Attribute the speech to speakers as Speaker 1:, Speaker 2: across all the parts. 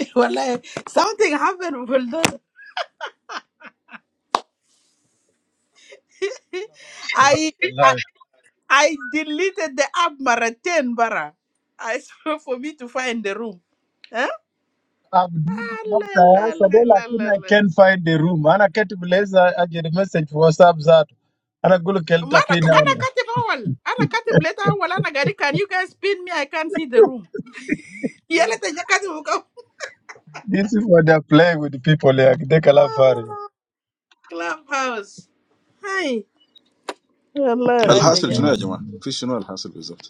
Speaker 1: Wallahi, something happened with those. I, I
Speaker 2: I've
Speaker 1: I deleted the app marathon bara. I swear for me to find the room. Huh?
Speaker 2: been
Speaker 1: Ah, la,
Speaker 2: after
Speaker 1: la, la,
Speaker 2: yesterday,
Speaker 1: la, la,
Speaker 2: lakini I
Speaker 1: la.
Speaker 2: can't find the room. Ana keti blazer, I get a message for WhatsApp that. Ana gulu
Speaker 1: Ma,
Speaker 2: kelta
Speaker 1: Ana
Speaker 2: pina
Speaker 1: ana
Speaker 2: ana.
Speaker 1: katib awal. Ana katib later awal. Ana gari, can you guys pin me? I can't see the room. Yala taja katib uka.
Speaker 2: This is what they're playing with the people here. They kalafari.
Speaker 1: Clubhouse. Hi. Allah,
Speaker 3: The
Speaker 2: This
Speaker 1: ay
Speaker 2: is
Speaker 1: taja.
Speaker 2: crazy.
Speaker 3: result, what is the result?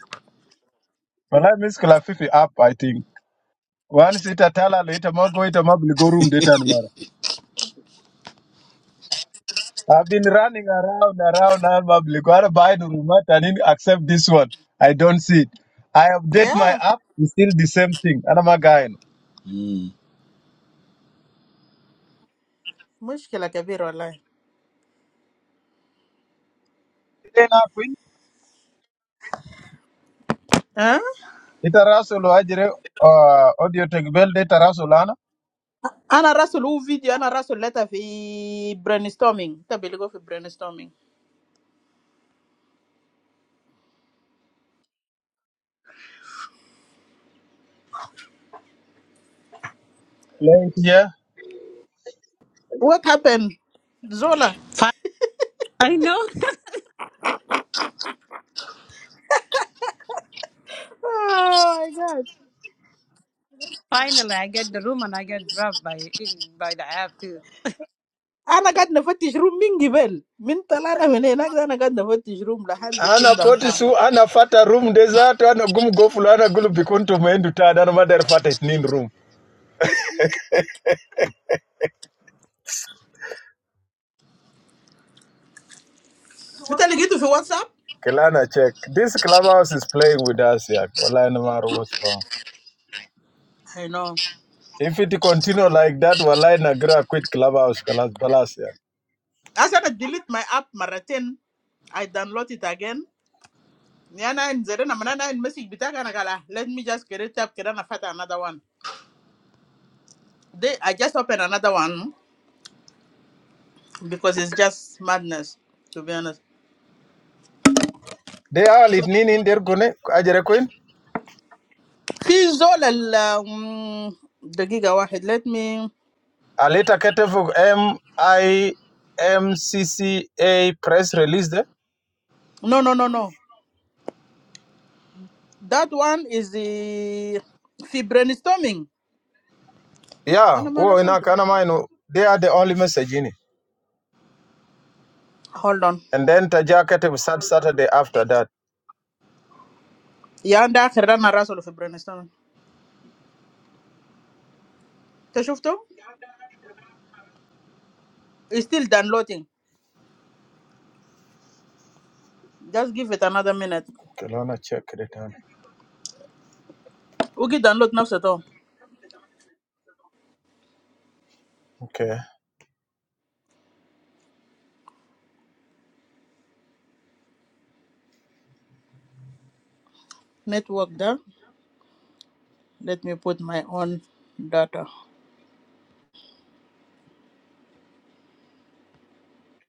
Speaker 2: But I miss kula fifi up, I think. Once it atala later, mago ita mabligo room data ni mara. I've been running around, around, and mabligo. Ana buy the room, but I didn't accept this one. I don't see it. I update my
Speaker 1: Yeah,
Speaker 2: app, it's still the same thing. Ana magaino.
Speaker 1: مشكلة كبيرة والله.
Speaker 2: itarasul ajire uh, audio tegbel de tarasul ana
Speaker 1: I'm gonna run a whole video. I'm gonna run a letter for brainstorming. That belongs to brainstorming.
Speaker 2: Yeah.
Speaker 1: What happened, Zola?
Speaker 4: Fi- I know.
Speaker 1: Oh my God!
Speaker 4: Finally, I get the room and I get dropped by by the app too.
Speaker 1: I'm gonna go to the first room. Mingi Bell. Mental. I'm gonna go to the first room. The hand-dick in
Speaker 2: ana
Speaker 1: downtown.
Speaker 2: potisu ana fata room de ana gum gofulu ana gulu bikuntu mendu tada ana madar fata itnin room
Speaker 1: Did you get it on WhatsApp?
Speaker 2: Kelana check. This clubhouse is playing with us yeah. Wallahi na matter what's wrong.
Speaker 1: I know.
Speaker 2: If it continue like that, wallahi na gra quit clubhouse kalas balas yeah.
Speaker 1: I'm gonna delete my app. Maratene. I download it again. I'm gonna send a message. Bitaganagala. Let me just create. Let me just create another one. They, I just opened another one because it's just madness. To be honest.
Speaker 2: They are itnin in der gune ajere queen.
Speaker 1: في زول ال um, دقيقة واحد let me
Speaker 2: Aleta ketefu M I M C C A press release de.
Speaker 1: no no no no that one is the في brainstorming
Speaker 2: Yeah,
Speaker 1: أنا ما
Speaker 2: well, in
Speaker 1: راسل
Speaker 2: Akanamainu, they are the only message in it.
Speaker 1: hold on
Speaker 2: And then Tajakate was sad Saturday after that.
Speaker 1: يا عند آخر ده أنا راسله في brainstorming أنت شفته It's still downloading just give it another minute
Speaker 2: Kelowna check return.
Speaker 1: وكي download نفسه تو
Speaker 2: Okay.
Speaker 1: network ده let me put my own data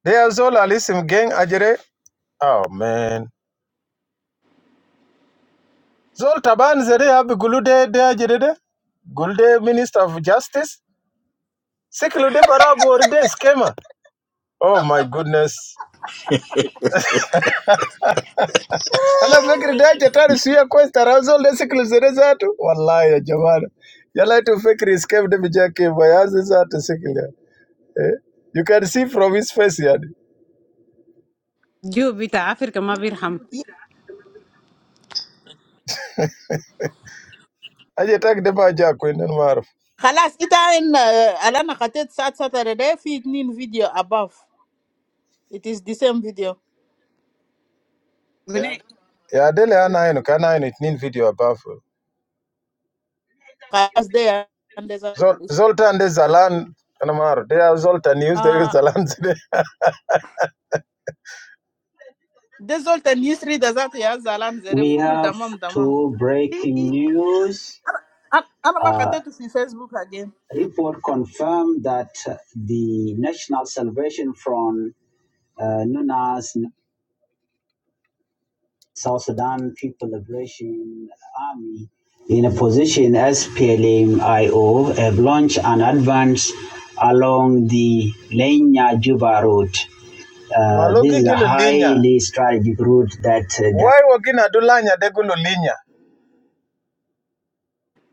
Speaker 2: They are Zola Lissim gang Ajere. Oh, man. Zol Taban Zere Abigulude de Ajere. de. Gulde Minister of Justice. Siklude Barabu or de Skema. Oh, my goodness. Ala fikiri da jatari suya kwesta razol de siklu zere zatu. Wallahi ya jamana. Yala tu fikiri skema de bijaki bayazi zatu siklu. Eh, You can see from his face yani.
Speaker 4: You beat Africa, ma birham.
Speaker 1: ي-
Speaker 2: Aje tak de ba ja kwenda maruf.
Speaker 1: خلاص إتا إن أنا خطيت سات ساتر ده في اتنين فيديو above it is the same video
Speaker 4: Yeah. Gune,
Speaker 2: Ya dele ana eno kana eno nin video abafu.
Speaker 1: Last day, and there's a
Speaker 2: Zol Zoltan de Zalan kana maru. They are Zoltan news, they use
Speaker 1: ah.
Speaker 2: Zalan today.
Speaker 1: There's all the history. There's that yah. Zalam, zere
Speaker 2: We
Speaker 1: full. It's a
Speaker 2: have
Speaker 1: mam, mam.
Speaker 2: two breaking
Speaker 1: Hehehe.
Speaker 2: news.
Speaker 1: Ah, I'm not going
Speaker 2: Uh,
Speaker 1: to try to be Facebook again.
Speaker 2: report confirmed that the National Salvation Front, uh, known as South Sudan People Liberation Army in a position as PLMIO, have launched an advance along the Lenya-Juba road. Uh, this is a highly strategic route that uh, the Why wakina dulanya de gulu linya?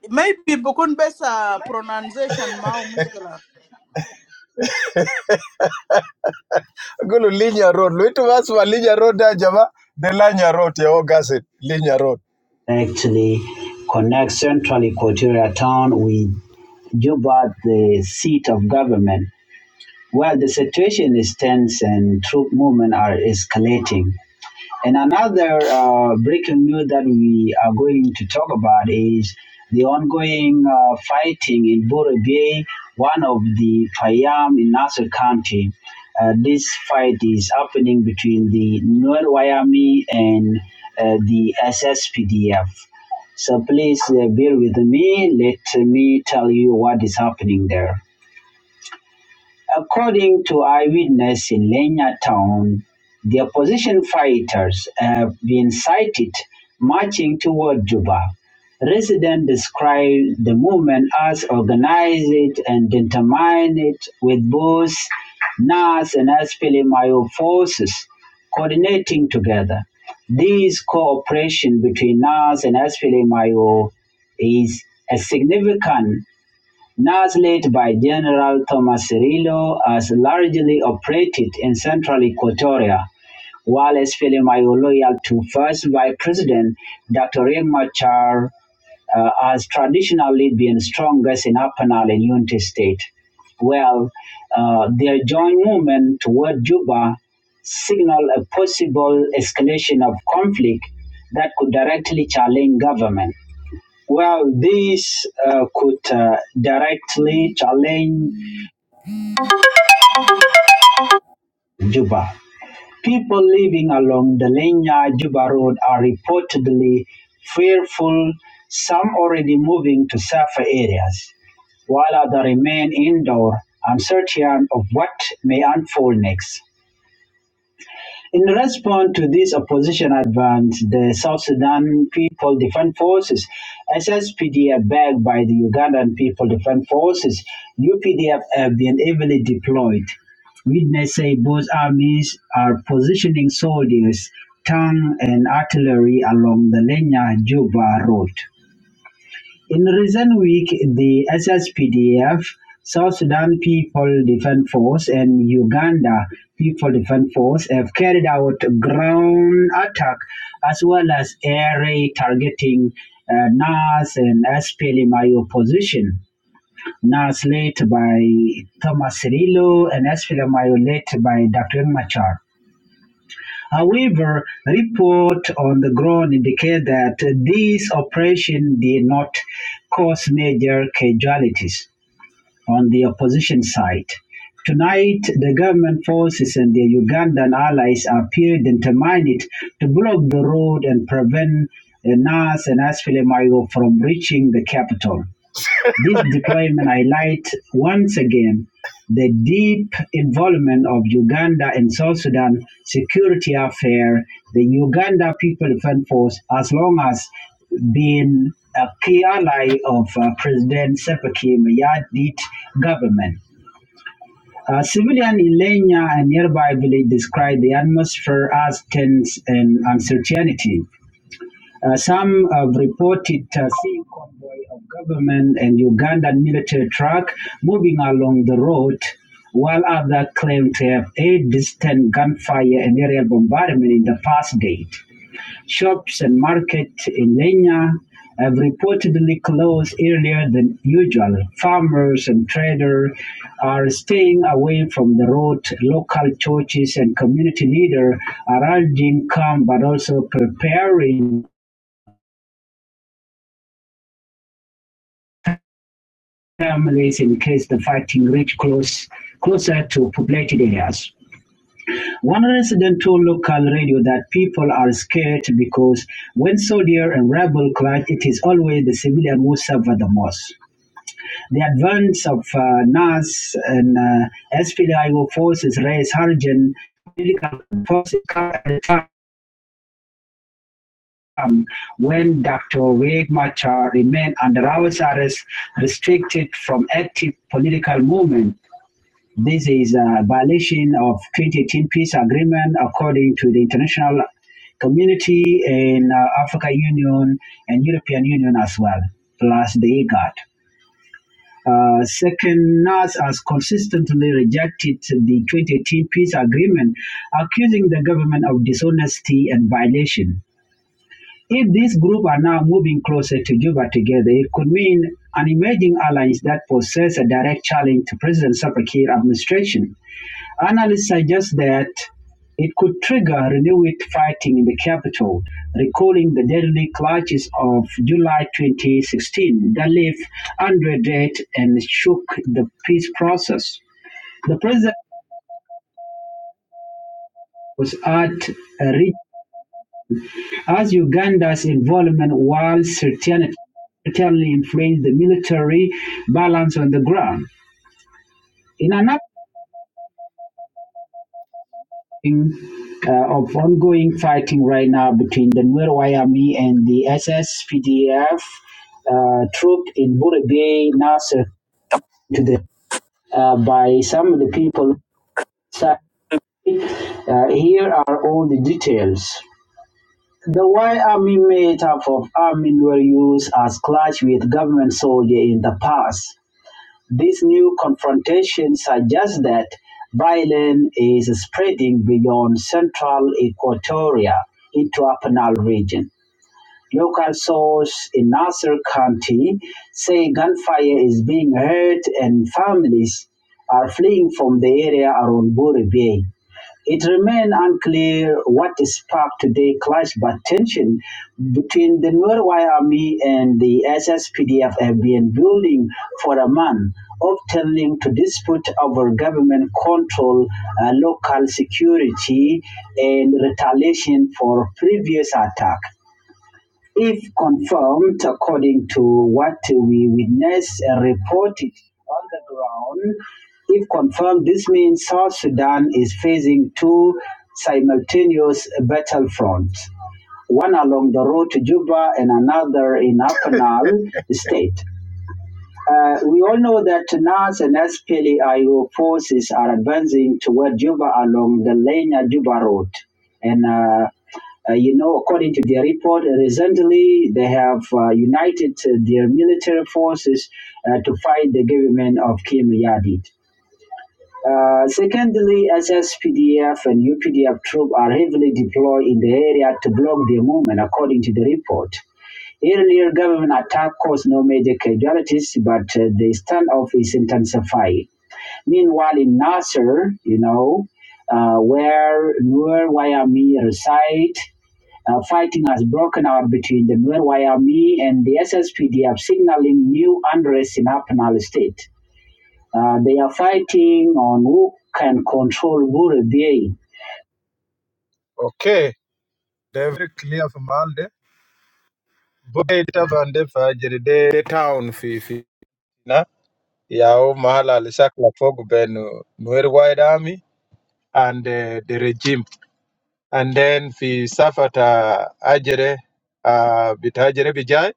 Speaker 1: Maybe because pronunciation, ma, or something like that.
Speaker 2: Gulu linya road. Luitu vasu wa linya road da jama. De lanya road ya ogasit. Linya road. actually connects central Equatoria town with Juba, the seat of government. Well, the situation is tense and troop movement are escalating. And another uh, breaking news that we are going to talk about is the ongoing uh, fighting in Borobie, one of the Payam in Nassau County. Uh, this fight is happening between the Nuer Wayami and uh, the SSPDF. So please uh, bear with me. Let me tell you what is happening there. According to eyewitness in Lenya town, the opposition fighters have been sighted marching toward Juba. Residents describe the movement as organized and determined with both NAS and SPLMIO forces coordinating together. This cooperation between NAS and SPLMIO is a significant Nasrid by General Thomas Cirillo has largely operated in central Equatoria, while SPLMIO loyal to first Vice President Dr. Riek Machar uh, has traditionally been strongest in Upper Nile and Unity State. Well, uh, their joint movement toward Juba signal a possible escalation of conflict that could directly challenge government. Well, this uh, could uh, directly challenge Juba. People living along the Lenya Juba Road are reportedly fearful, some already moving to safer areas, while others remain indoor, uncertain of what may unfold next. In response to this opposition advance, the South Sudan People Defense Forces, SSPDF, backed by the Ugandan People Defense Forces, UPDF, have been heavily deployed. Witnesses say both armies are positioning soldiers, tanks, and artillery along the Lenya Juba road. In recent week, the SSPDF, South Sudan People Defense Force and Uganda People Defense Force have carried out ground attack as well as air raid targeting uh, NAS and SPLMIO opposition. NAS led by Thomas Cirillo and SPLMIO led by Dr. Machar. However, reports on the ground indicate that these operations did not cause major casualties on the opposition side. Tonight, the government forces and their Ugandan allies appear determined to block the road and prevent Nas and Asfili Mayo from reaching the capital. This deployment highlights once again the deep involvement of Uganda and South Sudan security affair. The Uganda People Defense Force, as long as been a key ally of uh, President Sepaki Mayadit government. Uh, civilian in Lenya and nearby village described the atmosphere as tense and uncertainty. Uh, some have reported uh, seeing convoy of government and Ugandan military truck moving along the road, while others claim to have heard distant gunfire and aerial bombardment in the past date. Shops and markets in Lenya have reportedly closed earlier than usual. Farmers and traders are staying away from the road. Local churches and community leaders are urging calm but also preparing families in-case the fighting reached close, closer to populated areas. One resident told local radio that people are scared because when soldier and rebel clash, it is always the civilian who suffer the most. The advance of uh, NAS and uh, SPDIO forces raised hurricane political forces at a time Um, when Dr. Riek Machar remained under house arrest, restricted from active political movement This is a violation of 2018 peace agreement according to the international community and uh, Africa Union and European Union as well, plus the IGAD. Uh, second, NAS has consistently rejected the 2018 peace agreement, accusing the government of dishonesty and violation. If this group are now moving closer to Juba together, it could mean an emerging alliance that poses a direct challenge to President Salva Kiir administration Analysts suggest that it could trigger renewed fighting in the capital, recalling the deadly clashes of July 2016 that left Andre dead and shook the peace process. The president was at a reach as Uganda's involvement while certainly certainly influenced the military balance on the ground. In another Uh, of ongoing fighting right now between the Nuer Army and the SSPDF uh, troop in Buri Bay, Nasser, today uh, by some of the people. Uh, here are all the details. The Y Army made up of army were used as clash with government soldier in the past. This new confrontation suggests that violence is spreading beyond central Equatoria into a Nile region. Local source in Nassau County say gunfire is being heard and families are fleeing from the area around Buri Bay. It remains unclear what sparked today clash but tension between the Nuer Army and the SSPDF have been building for a month, often linked to dispute over government control, uh, local security, and retaliation for previous attack if confirmed according to what we witnessed and reported on the ground, if confirmed, this means South Sudan is facing two simultaneous battlefronts, one along the road to Juba and another in Apanal state. Uh, we all know that NAS and SPLAIO forces are advancing toward Juba along the Lena Juba Road. And, uh, uh, you know, according to their report, uh, recently they have uh, united uh, their military forces uh, to fight the government of Kim Yadid. Uh, secondly, SSPDF and UPDF troops are heavily deployed in the area to block their movement, according to the report. Earlier government attack caused no major casualties, but uh, the standoff is intensifying. Meanwhile, in Nasser, you know, uh, where Nur Wayami reside, uh, fighting has broken out between the Nuer Wayami and the SSPDF, signaling new unrest in Upper Nile State. Uh, they are fighting on who can control Bure Bay. Okay, they're very clear from Alde. Buketa vande fajiride town fifi. Na, yao mahala alishakla fogu benu Nuer wide Army and uh, the regime. And then fi safata ajere, uh, bitajere bijay.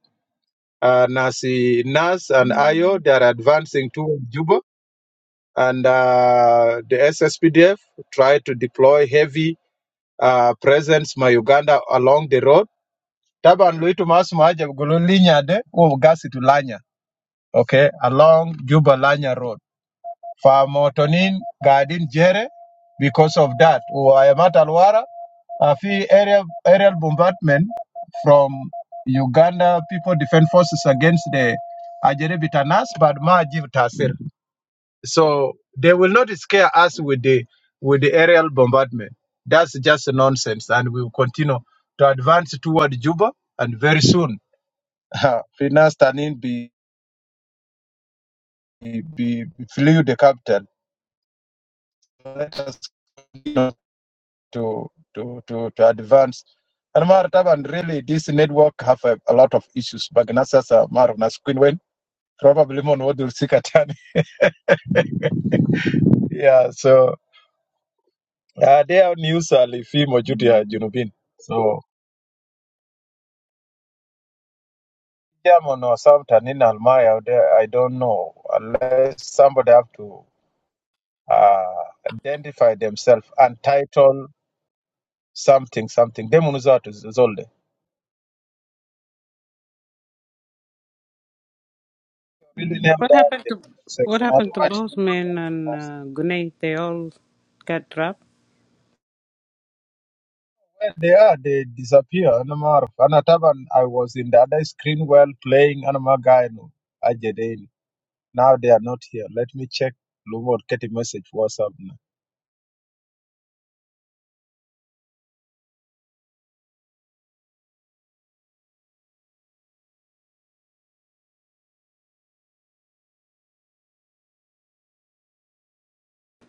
Speaker 2: uh, nasi Nas and Ayo, they are advancing towards Juba. And uh, the SSPDF try to deploy heavy uh, presence ma Uganda along the road. Taban Luitu Masumaja Linya de Ugasi to Lanya, okay, along Juba Lanya Road. Fa Motonin Gadin Jere, because of that, Uayamat Alwara, a few aerial, aerial bombardment from Uganda People Defense Forces against the Ajere Bitanas, but ma Jiv Tasir. So they will not scare us with the with the aerial bombardment. That's just nonsense, and we will continue to advance toward Juba, and very soon, Finas Tanin be, be flew the capital. Let us you know, to to to to advance. And Mar Taban, really, this network have a, a lot of issues. Bagnasasa Mar Nas Quinwen, probably mon Wodul Sikatan. Yeah, so uh, their news are Lifimo Judia Junubin. So German or something in Almaya, out there, I don't know. Unless somebody have to uh, identify themselves and title something, something. Demonizatu Zolde. Really name
Speaker 4: what
Speaker 2: down in
Speaker 4: happened
Speaker 2: the
Speaker 4: to
Speaker 2: comment
Speaker 4: what
Speaker 2: section.
Speaker 4: happened to
Speaker 2: Otherwise, no one
Speaker 4: Bossman and
Speaker 2: knows.
Speaker 4: uh, Gune? They all got dropped.
Speaker 2: when they are, they disappear. Anamar. Anataban, I was in the other screen while playing Anamar no Ajedeni. Now they are not here. Let me check. Lumor, get a message. WhatsApp.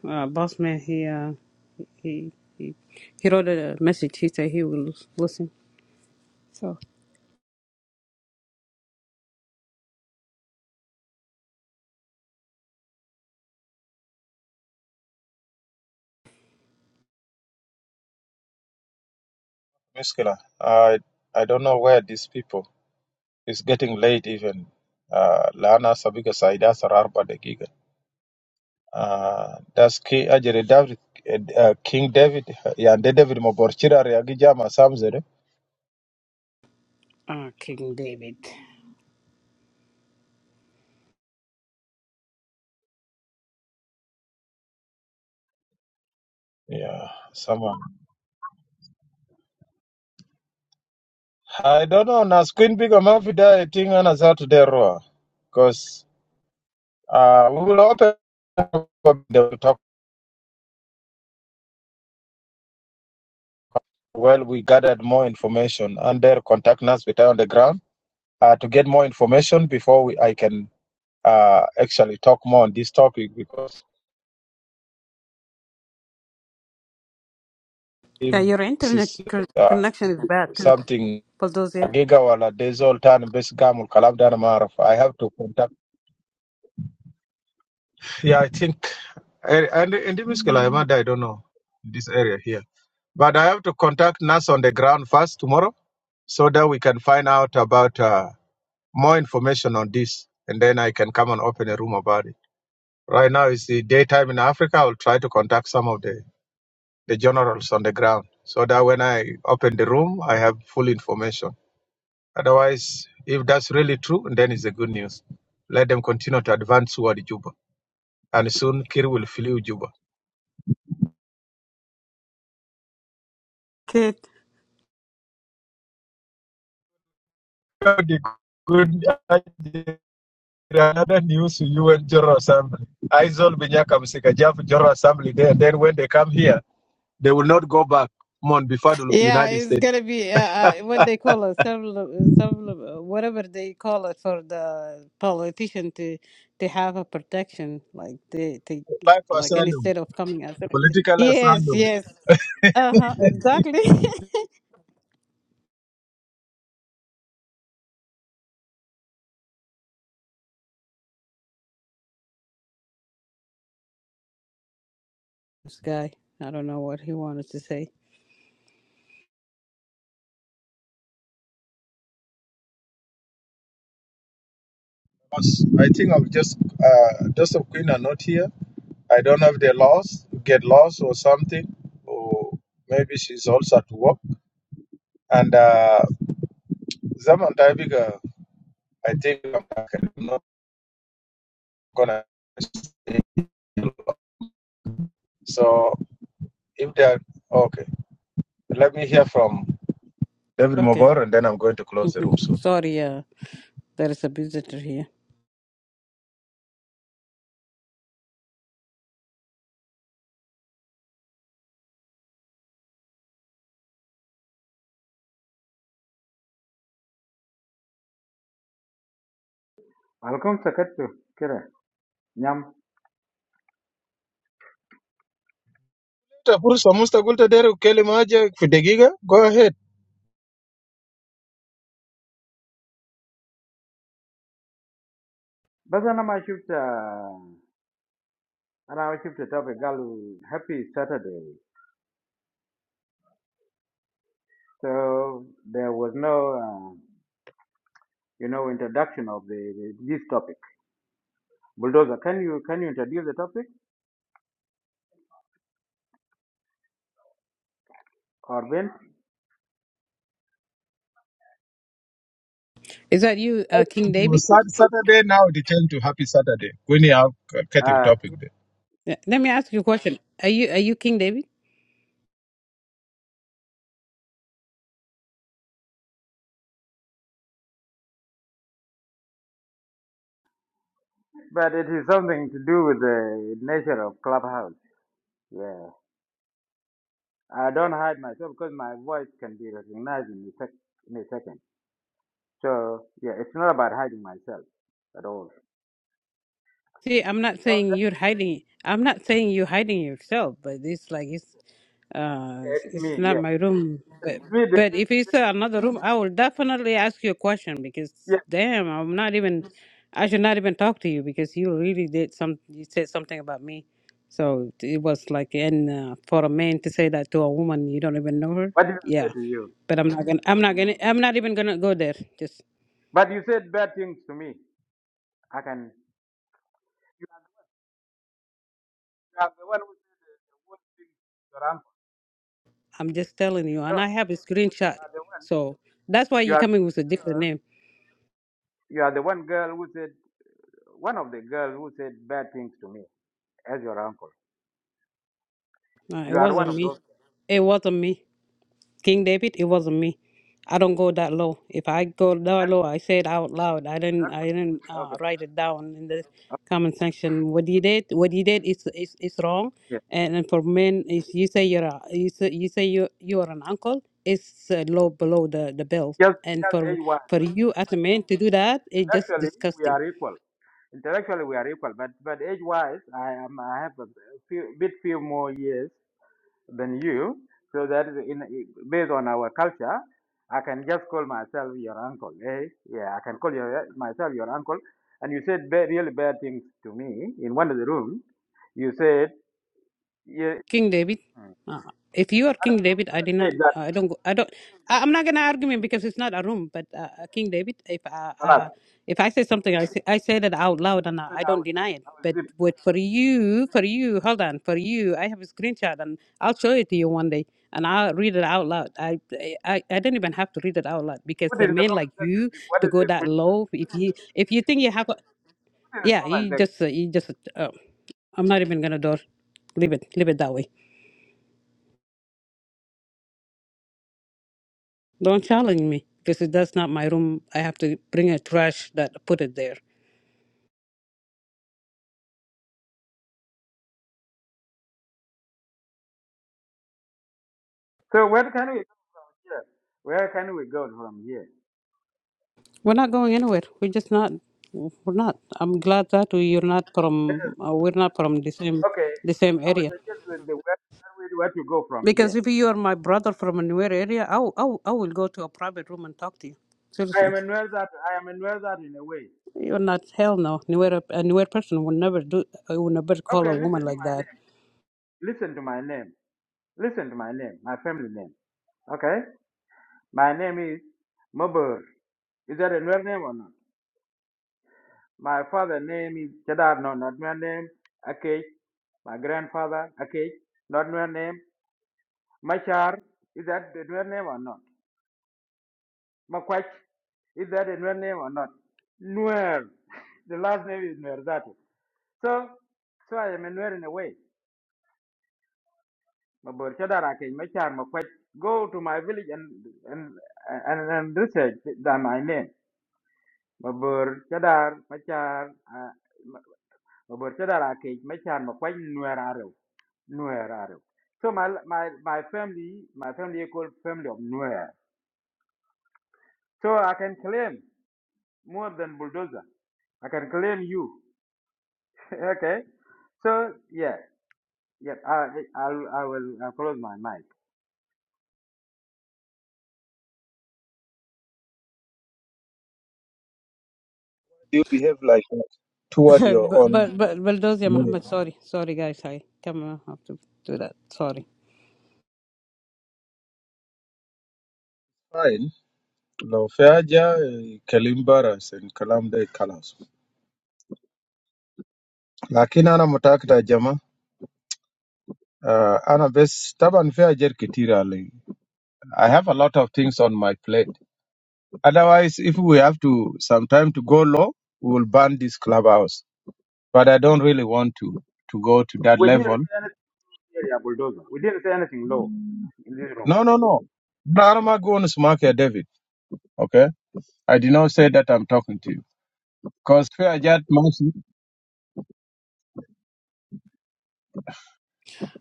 Speaker 4: Uh, Bossman, he uh, he he he wrote a message. He said he will listen. So,
Speaker 2: Muscular. I I don't know where these people. It's getting late even. Uh, Lana Sabiga Saida Sararba de Giga. Uh, that's King Ajere David, uh, uh, King David. Yeah, and David Moborchira Reagija Masamzere.
Speaker 4: uh, King David.
Speaker 2: Yeah, someone. I don't know. Nas Queen Big Amavida, I think Anazatu Deroa. Because uh, we will open up the talk. Well, we gathered more information and their contact us with on the ground uh, to get more information before we, I can uh, actually talk more on this topic because if
Speaker 4: Yeah, your
Speaker 2: this
Speaker 4: internet
Speaker 2: is
Speaker 4: co-
Speaker 2: uh,
Speaker 4: connection is bad too,
Speaker 2: something
Speaker 4: Bulldozer.
Speaker 2: Giga wala desol tan bes gamul kalam dana maruf. I have to contact. Yeah, I think and in this Miskela, I might- I don't know this area here, but I have to contact Nas on the ground first tomorrow, so that we can find out about uh, more information on this, and then I can come and open a room about it. Right now it's the daytime in Africa. I'll try to contact some of the the generals on the ground, so that when I open the room, I have full information. Otherwise, if that's really true, then it's a good news. Let them continue to advance toward Juba, and soon Kir will flee Juba. The good another news to you and General Assembly. Isol Binyaka Msika Jafu General Assembly there. Then when they come here, they will not go back. Mon Bifadul of the
Speaker 4: Yeah,
Speaker 2: United
Speaker 4: it's
Speaker 2: States.
Speaker 4: gonna be uh, uh, what they call a several several, whatever they call it for the politician to to have a protection, like they they
Speaker 2: Apply for
Speaker 4: like any
Speaker 2: asylum,
Speaker 4: state of coming out.
Speaker 2: political
Speaker 4: Yes,
Speaker 2: asylum.
Speaker 4: yes, uh huh, exactly. this guy, I don't know what he wanted to say.
Speaker 2: Because I think i of just uh, those of Queen are not here. I don't know if they lost, get lost or something, or maybe she's also at work. And uh, Zaman Taibiga, I think I'm not gonna. So if they are okay, let me hear from David
Speaker 4: Okay,
Speaker 2: Mobor, and then I'm going to close the room soon.
Speaker 4: sorry, uh, there is a visitor here.
Speaker 5: Welcome to sakatto kira nyam.
Speaker 2: Pata fursa Musta Gulta Deru Kelimaja Fudegiga. Go ahead.
Speaker 5: But then i ana ma shifta ana ma shifta topic galu happy Saturday. So there was no uh, you know introduction of the, the this topic. Bulldozer, can you can you introduce the topic or Ben?
Speaker 4: Is that you, uh, King
Speaker 2: It
Speaker 4: David?
Speaker 2: was sad Saturday, now it turned to happy Saturday. When you have a creative
Speaker 5: Uh,
Speaker 2: topic there.
Speaker 4: Yeah, Let me ask you a question. Are you are you King David?
Speaker 5: but it is something to do with the nature of clubhouse. Yeah, I don't hide myself because my voice can be recognized in a, sec- in a second. So yeah, it's not about hiding myself at all.
Speaker 4: See, I'm not
Speaker 5: So
Speaker 4: saying
Speaker 5: that-
Speaker 4: you're hiding. I'm not saying you're hiding yourself, but it's like it's uh
Speaker 5: yeah,
Speaker 4: it's
Speaker 5: it's
Speaker 4: it's
Speaker 5: me.
Speaker 4: not
Speaker 5: Yeah,
Speaker 4: my room. But
Speaker 5: it's me.
Speaker 4: but if it's another room, I will definitely ask you a question because
Speaker 5: Yes.
Speaker 4: damn, I'm not even. I should not even talk to you because you really did some. You said something about me, so it was like and uh, for a man to say that to a woman you don't even know her,
Speaker 5: what did I
Speaker 4: yeah.
Speaker 5: say to you?
Speaker 4: But I'm not gonna. I'm not gonna. I'm not even gonna go there. Just.
Speaker 5: But you said bad things to me. I can. You are the one who said the, the worst things to your uncle.
Speaker 4: I'm just telling you,
Speaker 5: No,
Speaker 4: and I
Speaker 5: no,
Speaker 4: have a
Speaker 5: you
Speaker 4: screenshot.
Speaker 5: are the one.
Speaker 4: So that's why
Speaker 5: You
Speaker 4: you're
Speaker 5: are
Speaker 4: coming with a different name.
Speaker 5: you are the one girl who said one of the girls who said bad things to me as your uncle.
Speaker 4: Uh,
Speaker 5: You
Speaker 4: it
Speaker 5: are one
Speaker 4: wasn't
Speaker 5: of
Speaker 4: me.
Speaker 5: those.
Speaker 4: It wasn't me. King David, it wasn't me. I don't go that low. If I go that low, I say it out loud. I didn't.
Speaker 5: Okay.
Speaker 4: I didn't uh,
Speaker 5: Okay.
Speaker 4: write it down in the comment section. What you did, what you did is is, is wrong.
Speaker 5: Okay.
Speaker 4: And, and for men, if you say you're a, you say you say you you are an uncle, it's uh, low below the the belt.
Speaker 5: Just
Speaker 4: And
Speaker 5: just
Speaker 4: for
Speaker 5: age wise.
Speaker 4: for you as a man to do that, it's just
Speaker 5: Intellectually,
Speaker 4: disgusting.
Speaker 5: we are equal. Intellectually, we are equal. But but age wise, I am. I have a few, bit few more years than you. So that is in, based on our culture, I can just call myself your uncle. Eh? Yeah, I can call your, myself your uncle. And you said ba- really bad things to me in one of the rooms. You said, yeah,
Speaker 4: King David.
Speaker 5: Hmm.
Speaker 4: Uh, if you are King
Speaker 5: I'm
Speaker 4: David,
Speaker 5: going
Speaker 4: I
Speaker 5: to
Speaker 4: did
Speaker 5: say
Speaker 4: not.
Speaker 5: that.
Speaker 4: I don't. Go, I don't. I, I'm not gonna argue him because it's not a room. But uh, uh, King David, if uh,
Speaker 5: Alas,
Speaker 4: uh, if I say something, I say, I say that out loud, and I,
Speaker 5: then
Speaker 4: I
Speaker 5: I
Speaker 4: don't
Speaker 5: will,
Speaker 4: deny it.
Speaker 5: I will
Speaker 4: But
Speaker 5: zip.
Speaker 4: what for you? For you, hold on. For you, I have a screenshot, and I'll show it to you one day, and I'll read it out loud. I I I don't even have to read it out loud because
Speaker 5: Put
Speaker 4: the
Speaker 5: it in the
Speaker 4: men
Speaker 5: comment
Speaker 4: like
Speaker 5: section.
Speaker 4: you
Speaker 5: zip. What
Speaker 4: to
Speaker 5: is
Speaker 4: go
Speaker 5: it? Put
Speaker 4: that low. If you if you think you have, a,
Speaker 5: it in the
Speaker 4: yeah,
Speaker 5: comment
Speaker 4: you
Speaker 5: section.
Speaker 4: just uh, you just. Uh, I'm not even gonna do. Leave it. Leave it that way. Don't challenge me because if that's not my room. I have to bring a trash that put it there.
Speaker 5: So where can we go here? Where can we go from here?
Speaker 4: We're not going anywhere. We're just not. We're not. I'm glad that you're not from. Uh, we're not from the same
Speaker 5: Okay,
Speaker 4: the same
Speaker 5: I will
Speaker 4: area.
Speaker 5: suggest that the where, where we- where to go from here.
Speaker 4: Because if you are my brother from a newer area, I will- I will- I will go to a private room and talk to you.
Speaker 5: I
Speaker 4: Seriously,
Speaker 5: am a that I am a that in a way.
Speaker 4: you're not hell no. Newer a newer person would never do. I would never call
Speaker 5: Okay,
Speaker 4: a
Speaker 5: listen
Speaker 4: woman
Speaker 5: to
Speaker 4: like
Speaker 5: my
Speaker 4: that.
Speaker 5: name. Listen to my name. Listen to my name. My family name. Okay, my name is Mabur. Is that a Nuer name or not? My father name is Chadar. No, not Nuer name. Akech. My grandfather Akech. Not Nuer name. Machar. Is that the Nuer name or not? Makwach. Is that a Nuer name or not? Nuer. The last name is Nuer. That. is. So, so I am a Nuer in a way. ma bor cha dara ke ma char ma kwaj go to my village and and and, and research than my name ma bor cha dar ma char ah, ma ma bor cha dara ke ma char ma kwaj nuer aro nuer aro so my my my family my family is called family of nuer so i can claim more than bulldozer i can claim you okay so yeah yeah i i I'll- i will i will i close my mic
Speaker 2: you behave like that toward your
Speaker 4: but
Speaker 2: own
Speaker 4: but but Bulldozer
Speaker 2: men.
Speaker 4: Muhammad, sorry sorry guys, I come I have to do that. Sorry.
Speaker 2: Fine. لو في حاجة كلام برس الكلام ده خلاص لكن أنا متأكد يا جماعة آه، أنا بس طبعا في حاجات كتيرة علي I have a lot of things on my plate otherwise if we have to sometime to go low we will ban this clubhouse but I don't really want to to go to that
Speaker 5: we
Speaker 2: level
Speaker 5: didn't say Yeah, yeah, bulldozer. We didn't say anything low. In this room.
Speaker 2: no no no no I'm not going to smack you David okay I did not say that I'm talking to you because fear fair judgment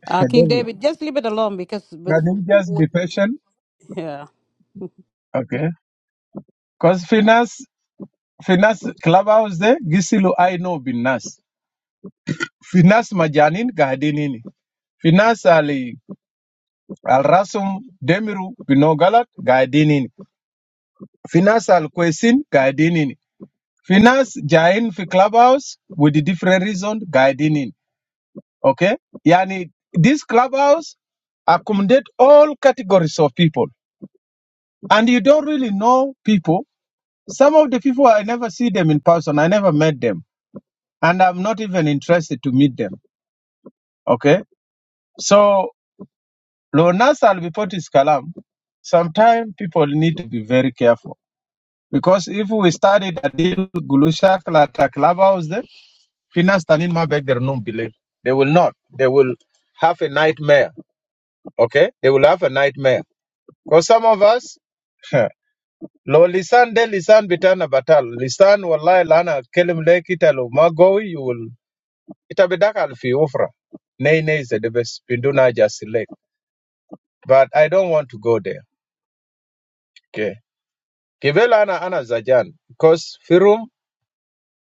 Speaker 4: Uh, King
Speaker 2: David
Speaker 4: David, just leave it alone because but
Speaker 2: Can you just
Speaker 4: what,
Speaker 2: be patient?
Speaker 4: yeah,
Speaker 2: Okay. Because Finas, Finas clubhouse there, Gisilu I know Binas. Finas Majanin Gadinini. Finas Ali Al Rasum Demiru Binogalat Gadinini. Finas Al Kwesin Gadinini. Finas Jain Fi clubhouse with the different reason Gadinini. Okay. Yani this clubhouse accommodate all categories of people. And you don't really know people Some of the people I never see them in person. I never met them, and I'm not even interested to meet them. Okay, so Lonas al Bipotis Kalam. Sometimes people need to be very careful because if we started a deal Gulushak at a clubhouse, there, Finas Tanin Mabek there not believe they will not. They will have a nightmare. Okay, they will have a nightmare because some of us. Lo lisan de lisan bitana batal lisan wallahi lana kelim lekita lo magowi you will Ita bidakal fi ufra. Nay nay is the best. Pinduna just select. But I don't want to go there. Okay. Kivela ana ana zajan. Because firum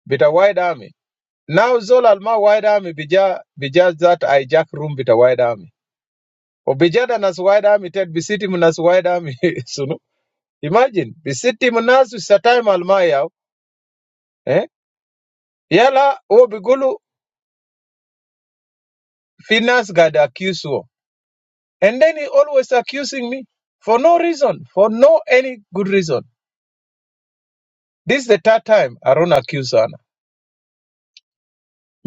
Speaker 2: bita wide army. Now zol alma wide army bija bija that I jack room bita wide army. O bija da nas wide army ted bisiti munas wide army sunu. Imagine bisiti munas satay alma yao. Eh? Yala o bigulu finance gada accuse wo. And then he always accusing me for no reason, for no any good reason. This is the third time Haruna accused Hannah.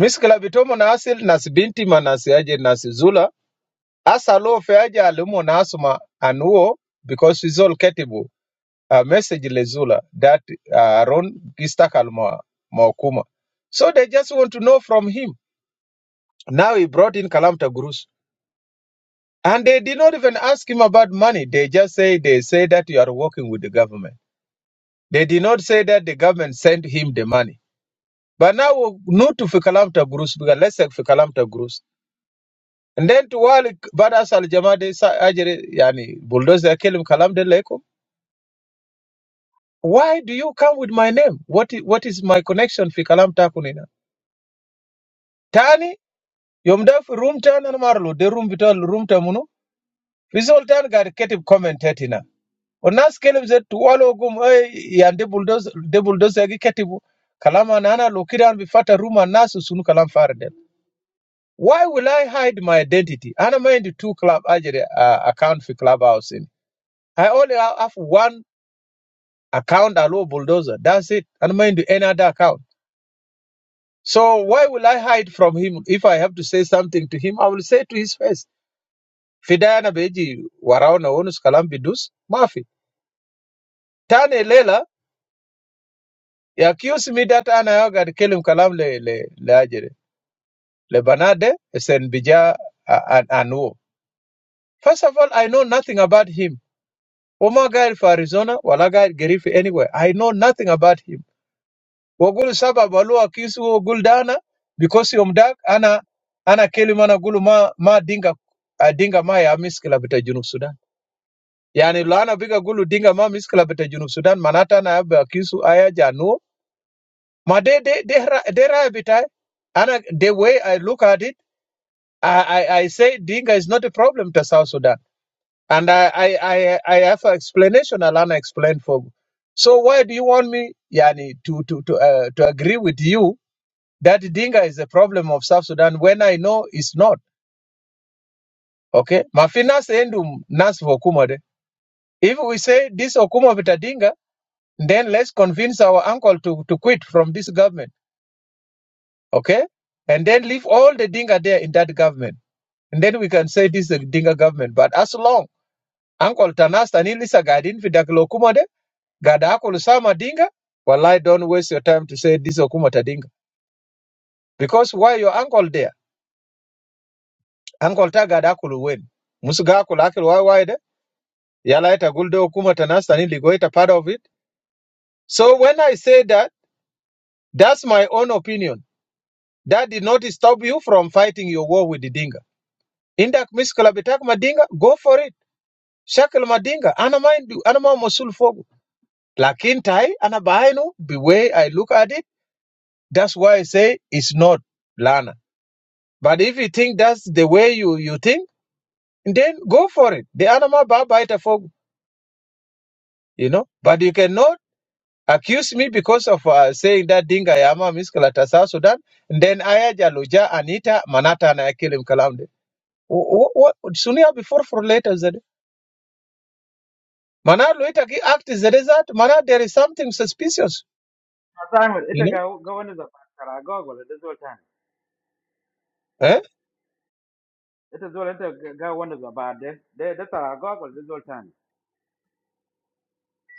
Speaker 2: Miskila bitomo na asil nas binti ma nas yaje nas zula asa lo fe aje alumo na asuma anuo because it's all ketibu a message le zula that uh, Aaron gistakal ma maokuma. So they just want to know from him. Now he brought in Kalamta Gurus. And they did not even ask him about money. They just say they say that you are working with the government. They did not say that the government sent him the money. But now we not to Fikalamta Gurus, because let's say Fikalamta Gurus. And then to Walik Badas Al Jamade Sa- Ajere Yani Bulldozer Kelim Kalam de Leko. Why do you come with my name? What is, what is my connection Fikalamta Kunina? Tani, Yomda fi room tan and Marlo, the room vital room tamunu. Fizol tan gar ketib comment Onas Kelim zet to Walogum eh, yan de bulldozer de bulldozer gi ketibu. Kalama nana lokiran bifata room and nasu sunu kalam farde. Why will I hide my identity? I don't mind two club actually, uh, account for clubhouse. In. I only ha- have one account, a low bulldozer. That's it. I don't mind any other account. So why will I hide from him? If I have to say something to him, I will say to his face. Fidana beji waraona onus kalam bidus mafi. Tane lela, he accused me that ana yoga kelim kalam le le le ajere. Le banade sen bija a- an anuo. First of all, I know nothing about him. Wama guy for Arizona, wala guy Gerifi anywhere. I know nothing about him. Wagulu saba balua kisu guldana because yom dag ana ana kelimana gulu ma ma dinga ah, dinga ma ya miskila bita junub Sudan. Yani lana biga gulu dinga ma miskila bita junub Sudan manata na ba kisu aya janu. Ma de de de ra de ra bita ana the way I look at it, I I, I say dinga is not a problem to South Sudan. And I, I, I, I have an explanation Alana explained for. So why do you want me, Yani, to to to, uh, to agree with you that Dinga is a problem of South Sudan when I know it's not? Okay, Mafina endum nas for Okuma de. If we say this Okuma vita Dinga, then let's convince our uncle to to quit from this government. Okay, and then leave all the Dinga there in that government, and then we can say this is a Dinga government. But as long Uncle Tanas tanili sagadin Vidaklo Okuma de. Gada yako Lusama Dinga, wallahi don't waste your time to say this Okuma Tadinga. Because why your uncle there? Uncle ta gada yako Luwen. Musuga yako lake why why de? Yala ita gulde Okuma Tanasta ni ligo ita part of it. So when I say that, that's my own opinion. That did not stop you from fighting your war with the Dinga. Indak miskala bitak Madinga, go for it. Shakal Madinga, ana mindu, ana ma mosul fogu. Lakin tai, ana bainu, the way I look at it, that's why I say it's not Lana. But if you think that's the way you, you think, then go for it. The animal babaita for you know. But you cannot accuse me because of uh, saying that dinga yama miskalata South Sudan. And then aya jaluja anita manata na akilim kalamde. What What? sooner before for later zede. Mana loita ki act is the result. Mana there is something suspicious. You
Speaker 5: Ita ga
Speaker 2: know.
Speaker 5: wanda za tara gogol da zuwa
Speaker 2: Eh?
Speaker 5: Ita zuwa ita ga wanda za ba de da tara gogol da zuwa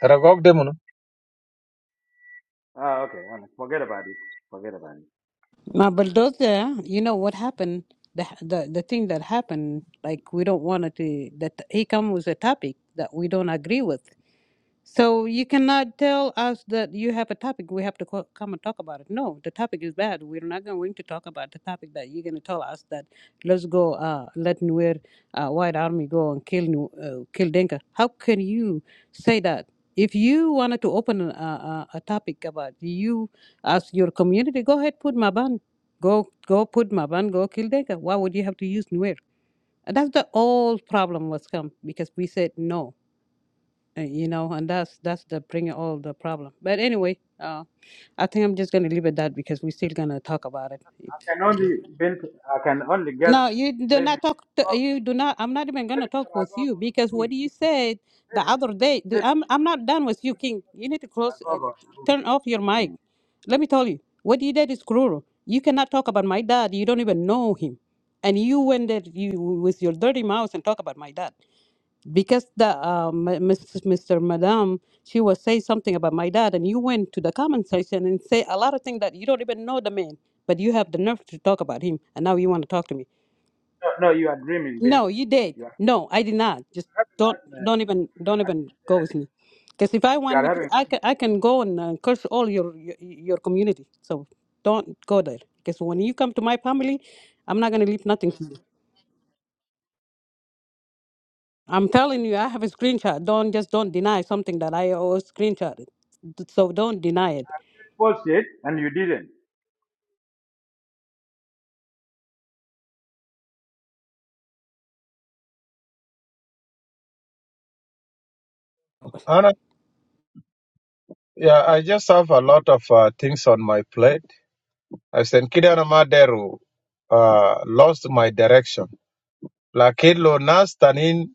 Speaker 2: Ragog demono.
Speaker 5: Ah, okay. Well, forget about it. Forget about it.
Speaker 4: my bulldozer. You know what happened? The the the thing that happened. Like we don't want it to that he come with a topic that we don't agree with. So you cannot tell us that you have a topic. We have to co- come and talk about it. No, the topic is bad. We're not going to talk about the topic that you're going to tell us that let's go, uh, let Nuer uh, White Army go and kill Nu- uh, kill Denka. How can you say that? If you wanted to open a, a, a topic about you as your community, go ahead, put Maban. Go go put Maban, go kill Denka. Why would you have to use Nuer? And That's the old problem was come because we said no uh, you know, and that's that's the bringing all the problem. But anyway, uh, I think I'm just gonna leave it that because we're still gonna talk about it. If-
Speaker 5: I can only been I can only guess
Speaker 4: No, you do
Speaker 5: maybe
Speaker 4: not talk. To, you do not. I'm not even gonna
Speaker 5: maybe
Speaker 4: talk
Speaker 5: tara
Speaker 4: with you
Speaker 5: or
Speaker 4: because
Speaker 5: Harun.
Speaker 4: what you said the
Speaker 5: Maybe
Speaker 4: other day. the-
Speaker 5: maybe
Speaker 4: I'm I'm not done with you, King. You need to
Speaker 5: tara
Speaker 4: close, uh,
Speaker 5: gogol.
Speaker 4: turn off your mic.
Speaker 5: Hmm.
Speaker 4: Let me tell you, what you did is cruel. You cannot talk about my dad. You don't even know him, and you went there you with your dirty mouth and talk about my dad because the uh, m- Mrs. Mr. Madam, she was say something about my dad, and you went to the comment section and say a lot of things that you don't even know the man, but you have the nerve to talk about him, and now you want to talk to me.
Speaker 5: No, no, you are dreaming, Bint.
Speaker 4: No, you did.
Speaker 5: You are
Speaker 4: No, I did not. Just
Speaker 5: having
Speaker 4: don't,
Speaker 5: nightmare.
Speaker 4: don't even,
Speaker 5: No, no,
Speaker 4: don't even go with me, because if I
Speaker 5: You
Speaker 4: want
Speaker 5: are
Speaker 4: me to,
Speaker 5: having
Speaker 4: I can, I can go and uh, curse all your, your your community. So don't go there, because when you come to my family, I'm not gonna leave nothing to you. I'm telling you, I have a screenshot. Don't just don't deny something that I always screenshot. So don't deny it.
Speaker 5: bullshit and you didn't.
Speaker 4: Uh,
Speaker 2: Ana, yeah, I just have a lot of uh, things on my plate. I said, Kidana Maderu uh, lost my direction Lakin lo nas tanin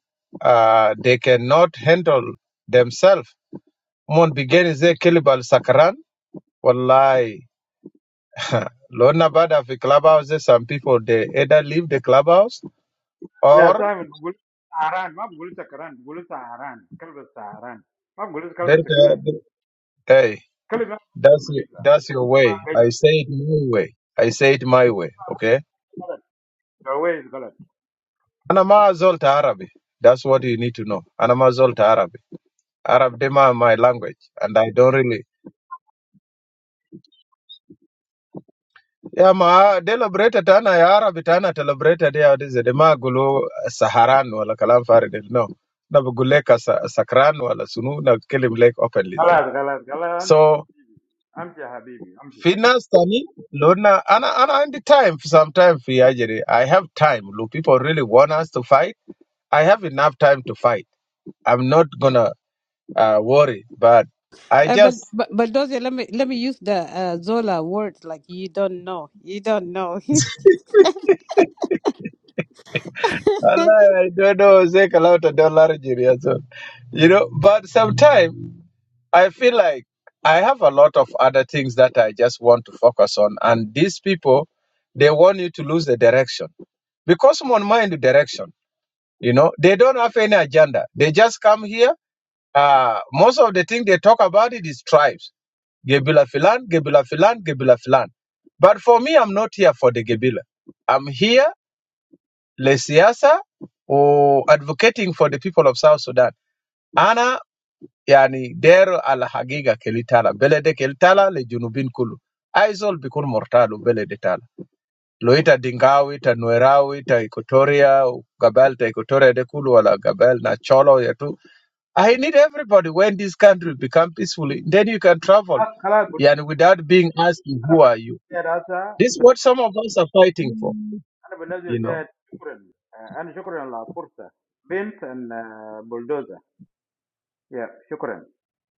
Speaker 2: uh, they cannot handle themselves. Mon begin ze kilibal sakran. Wallahi. Lona bada fi clubhouse, there's some people they either leave the clubhouse
Speaker 5: Yeah,
Speaker 2: or
Speaker 5: same. Gulzaran. I'm Gulzar Khan. Gulzaran. Kalbesh Gulzaran. I'm Gulzar
Speaker 2: they,
Speaker 5: Kalbesh
Speaker 2: uh,
Speaker 5: Khan.
Speaker 2: hey,
Speaker 5: Kalbesh is a
Speaker 2: that's y-
Speaker 5: medical. Kalbesh
Speaker 2: that's your way.
Speaker 5: is
Speaker 2: I say it my way. I say it my way. Okay.
Speaker 5: wrong. The way is wrong.
Speaker 2: Anama Zolta Arabi. That's what you need to know. Anama Zolta Arabi. Arab Dema my language, and I don't really. Ya ma deliberated ana ya Arabi tana deliberated ya dize de ma gulu eh, saharan wala kalam farid no na bugul sa, sakran wala sunu na kelim lek openly zed.
Speaker 5: Wrong. Wrong. Wrong.
Speaker 2: So
Speaker 5: I'm Shahabib. I'm. Wrong.
Speaker 2: finance tani lona ana ana in the time sometime fi ajere I have time look people really want us to fight I have enough time to fight. I'm not gonna uh, worry, but I
Speaker 4: but
Speaker 2: just
Speaker 4: but but those let me let me use the uh, Zola words like you don't know, you don't know.
Speaker 2: Allah, I don't know, take a lot of dollar Nigeria, so you know. But sometimes. I feel like I have a lot of other things that I just want to focus on. And these people, they want you to lose the direction. Because someone mind the direction, you know, they don't have any agenda. They just come here. Uh, most of the thing they talk about it is tribes. Gebila Filan, Gebila Filan, Gebila Filan. But for me, I'm not here for the Gebila. I'm here, Lesiasa, or advocating for the people of South Sudan. Ana Yan ni there alahagega kelita la belede kelita la le junebin kulu aizol bikun mortalu belede talu loita denga loita nuerau loita ikutoria u gabel ta ikutoria de kulu wala gabel na cholo yatu I need everybody when this country become peaceful then you can travel
Speaker 5: Wrong.
Speaker 2: and without being asked who are you
Speaker 5: I'm a
Speaker 2: this is what some of us are fighting for
Speaker 5: builder. I'm a builder.
Speaker 2: you know
Speaker 5: Thank you.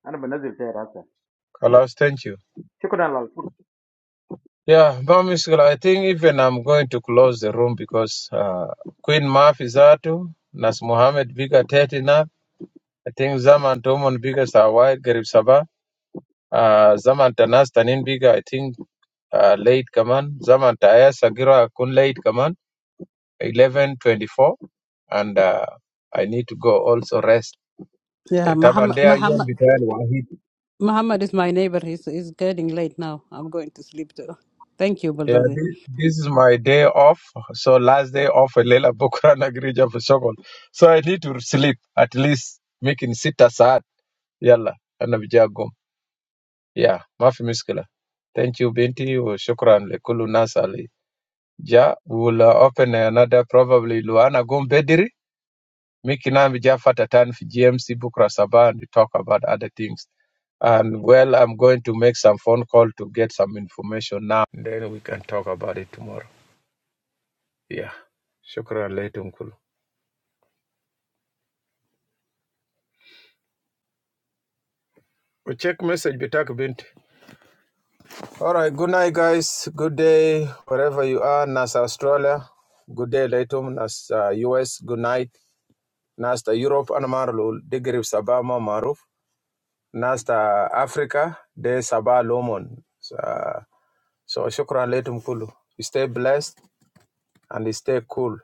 Speaker 5: I'm a builder. Thank
Speaker 2: Allah sent you.
Speaker 5: you. I'm a builder.
Speaker 2: Yeah, Bamisikil, I think even I'm going to close the room because uh, Queen Mafizatu, Nas Muhammad Biga Tetina, I think Zaman Tomon Biga Sawai Garib Sabah, uh, Zaman Tanas Tanin Biga, I think uh, late Kaman, Zaman Taya Sagira Kun late Kaman, 11.24, and uh, I need to go also rest.
Speaker 4: yeah, Muhammad
Speaker 2: Tabandea Yom
Speaker 4: Muhammad
Speaker 2: Biga
Speaker 4: Muhammad is my neighbor. He's he's getting late now. I'm going to sleep too. Thank you,
Speaker 2: Yeah,
Speaker 4: Bulldozer.
Speaker 2: this, this is my day off. So last day off, Lela Bukra Nagrija for Sokol. So I need to sleep at least making sita saat. Yalla, ana bijagum. Yeah, mafi miskila. Thank you, Binti. wa Shukran le kulu nasali. Ja, we'll uh, open another probably Luana Gum Bediri. Mikina bija fatatan fi GMC Bukra Sabah and we talk about other things. And well, I'm going to make some phone call to get some information now. Then we can talk about it tomorrow. Yeah. Shukran alaikum kulu. We check message bitak bint. All right. Good night, guys. Good day, wherever you are. Nas Australia. Good day, Latum. Nas uh, US. Good night. Nas ta Europe. Anamarlo. Degrib Sabah ma Maruf. Nas ta Africa. De Sabah Lomon. So, so shukran, Latum Kulu. Stay blessed and stay cool.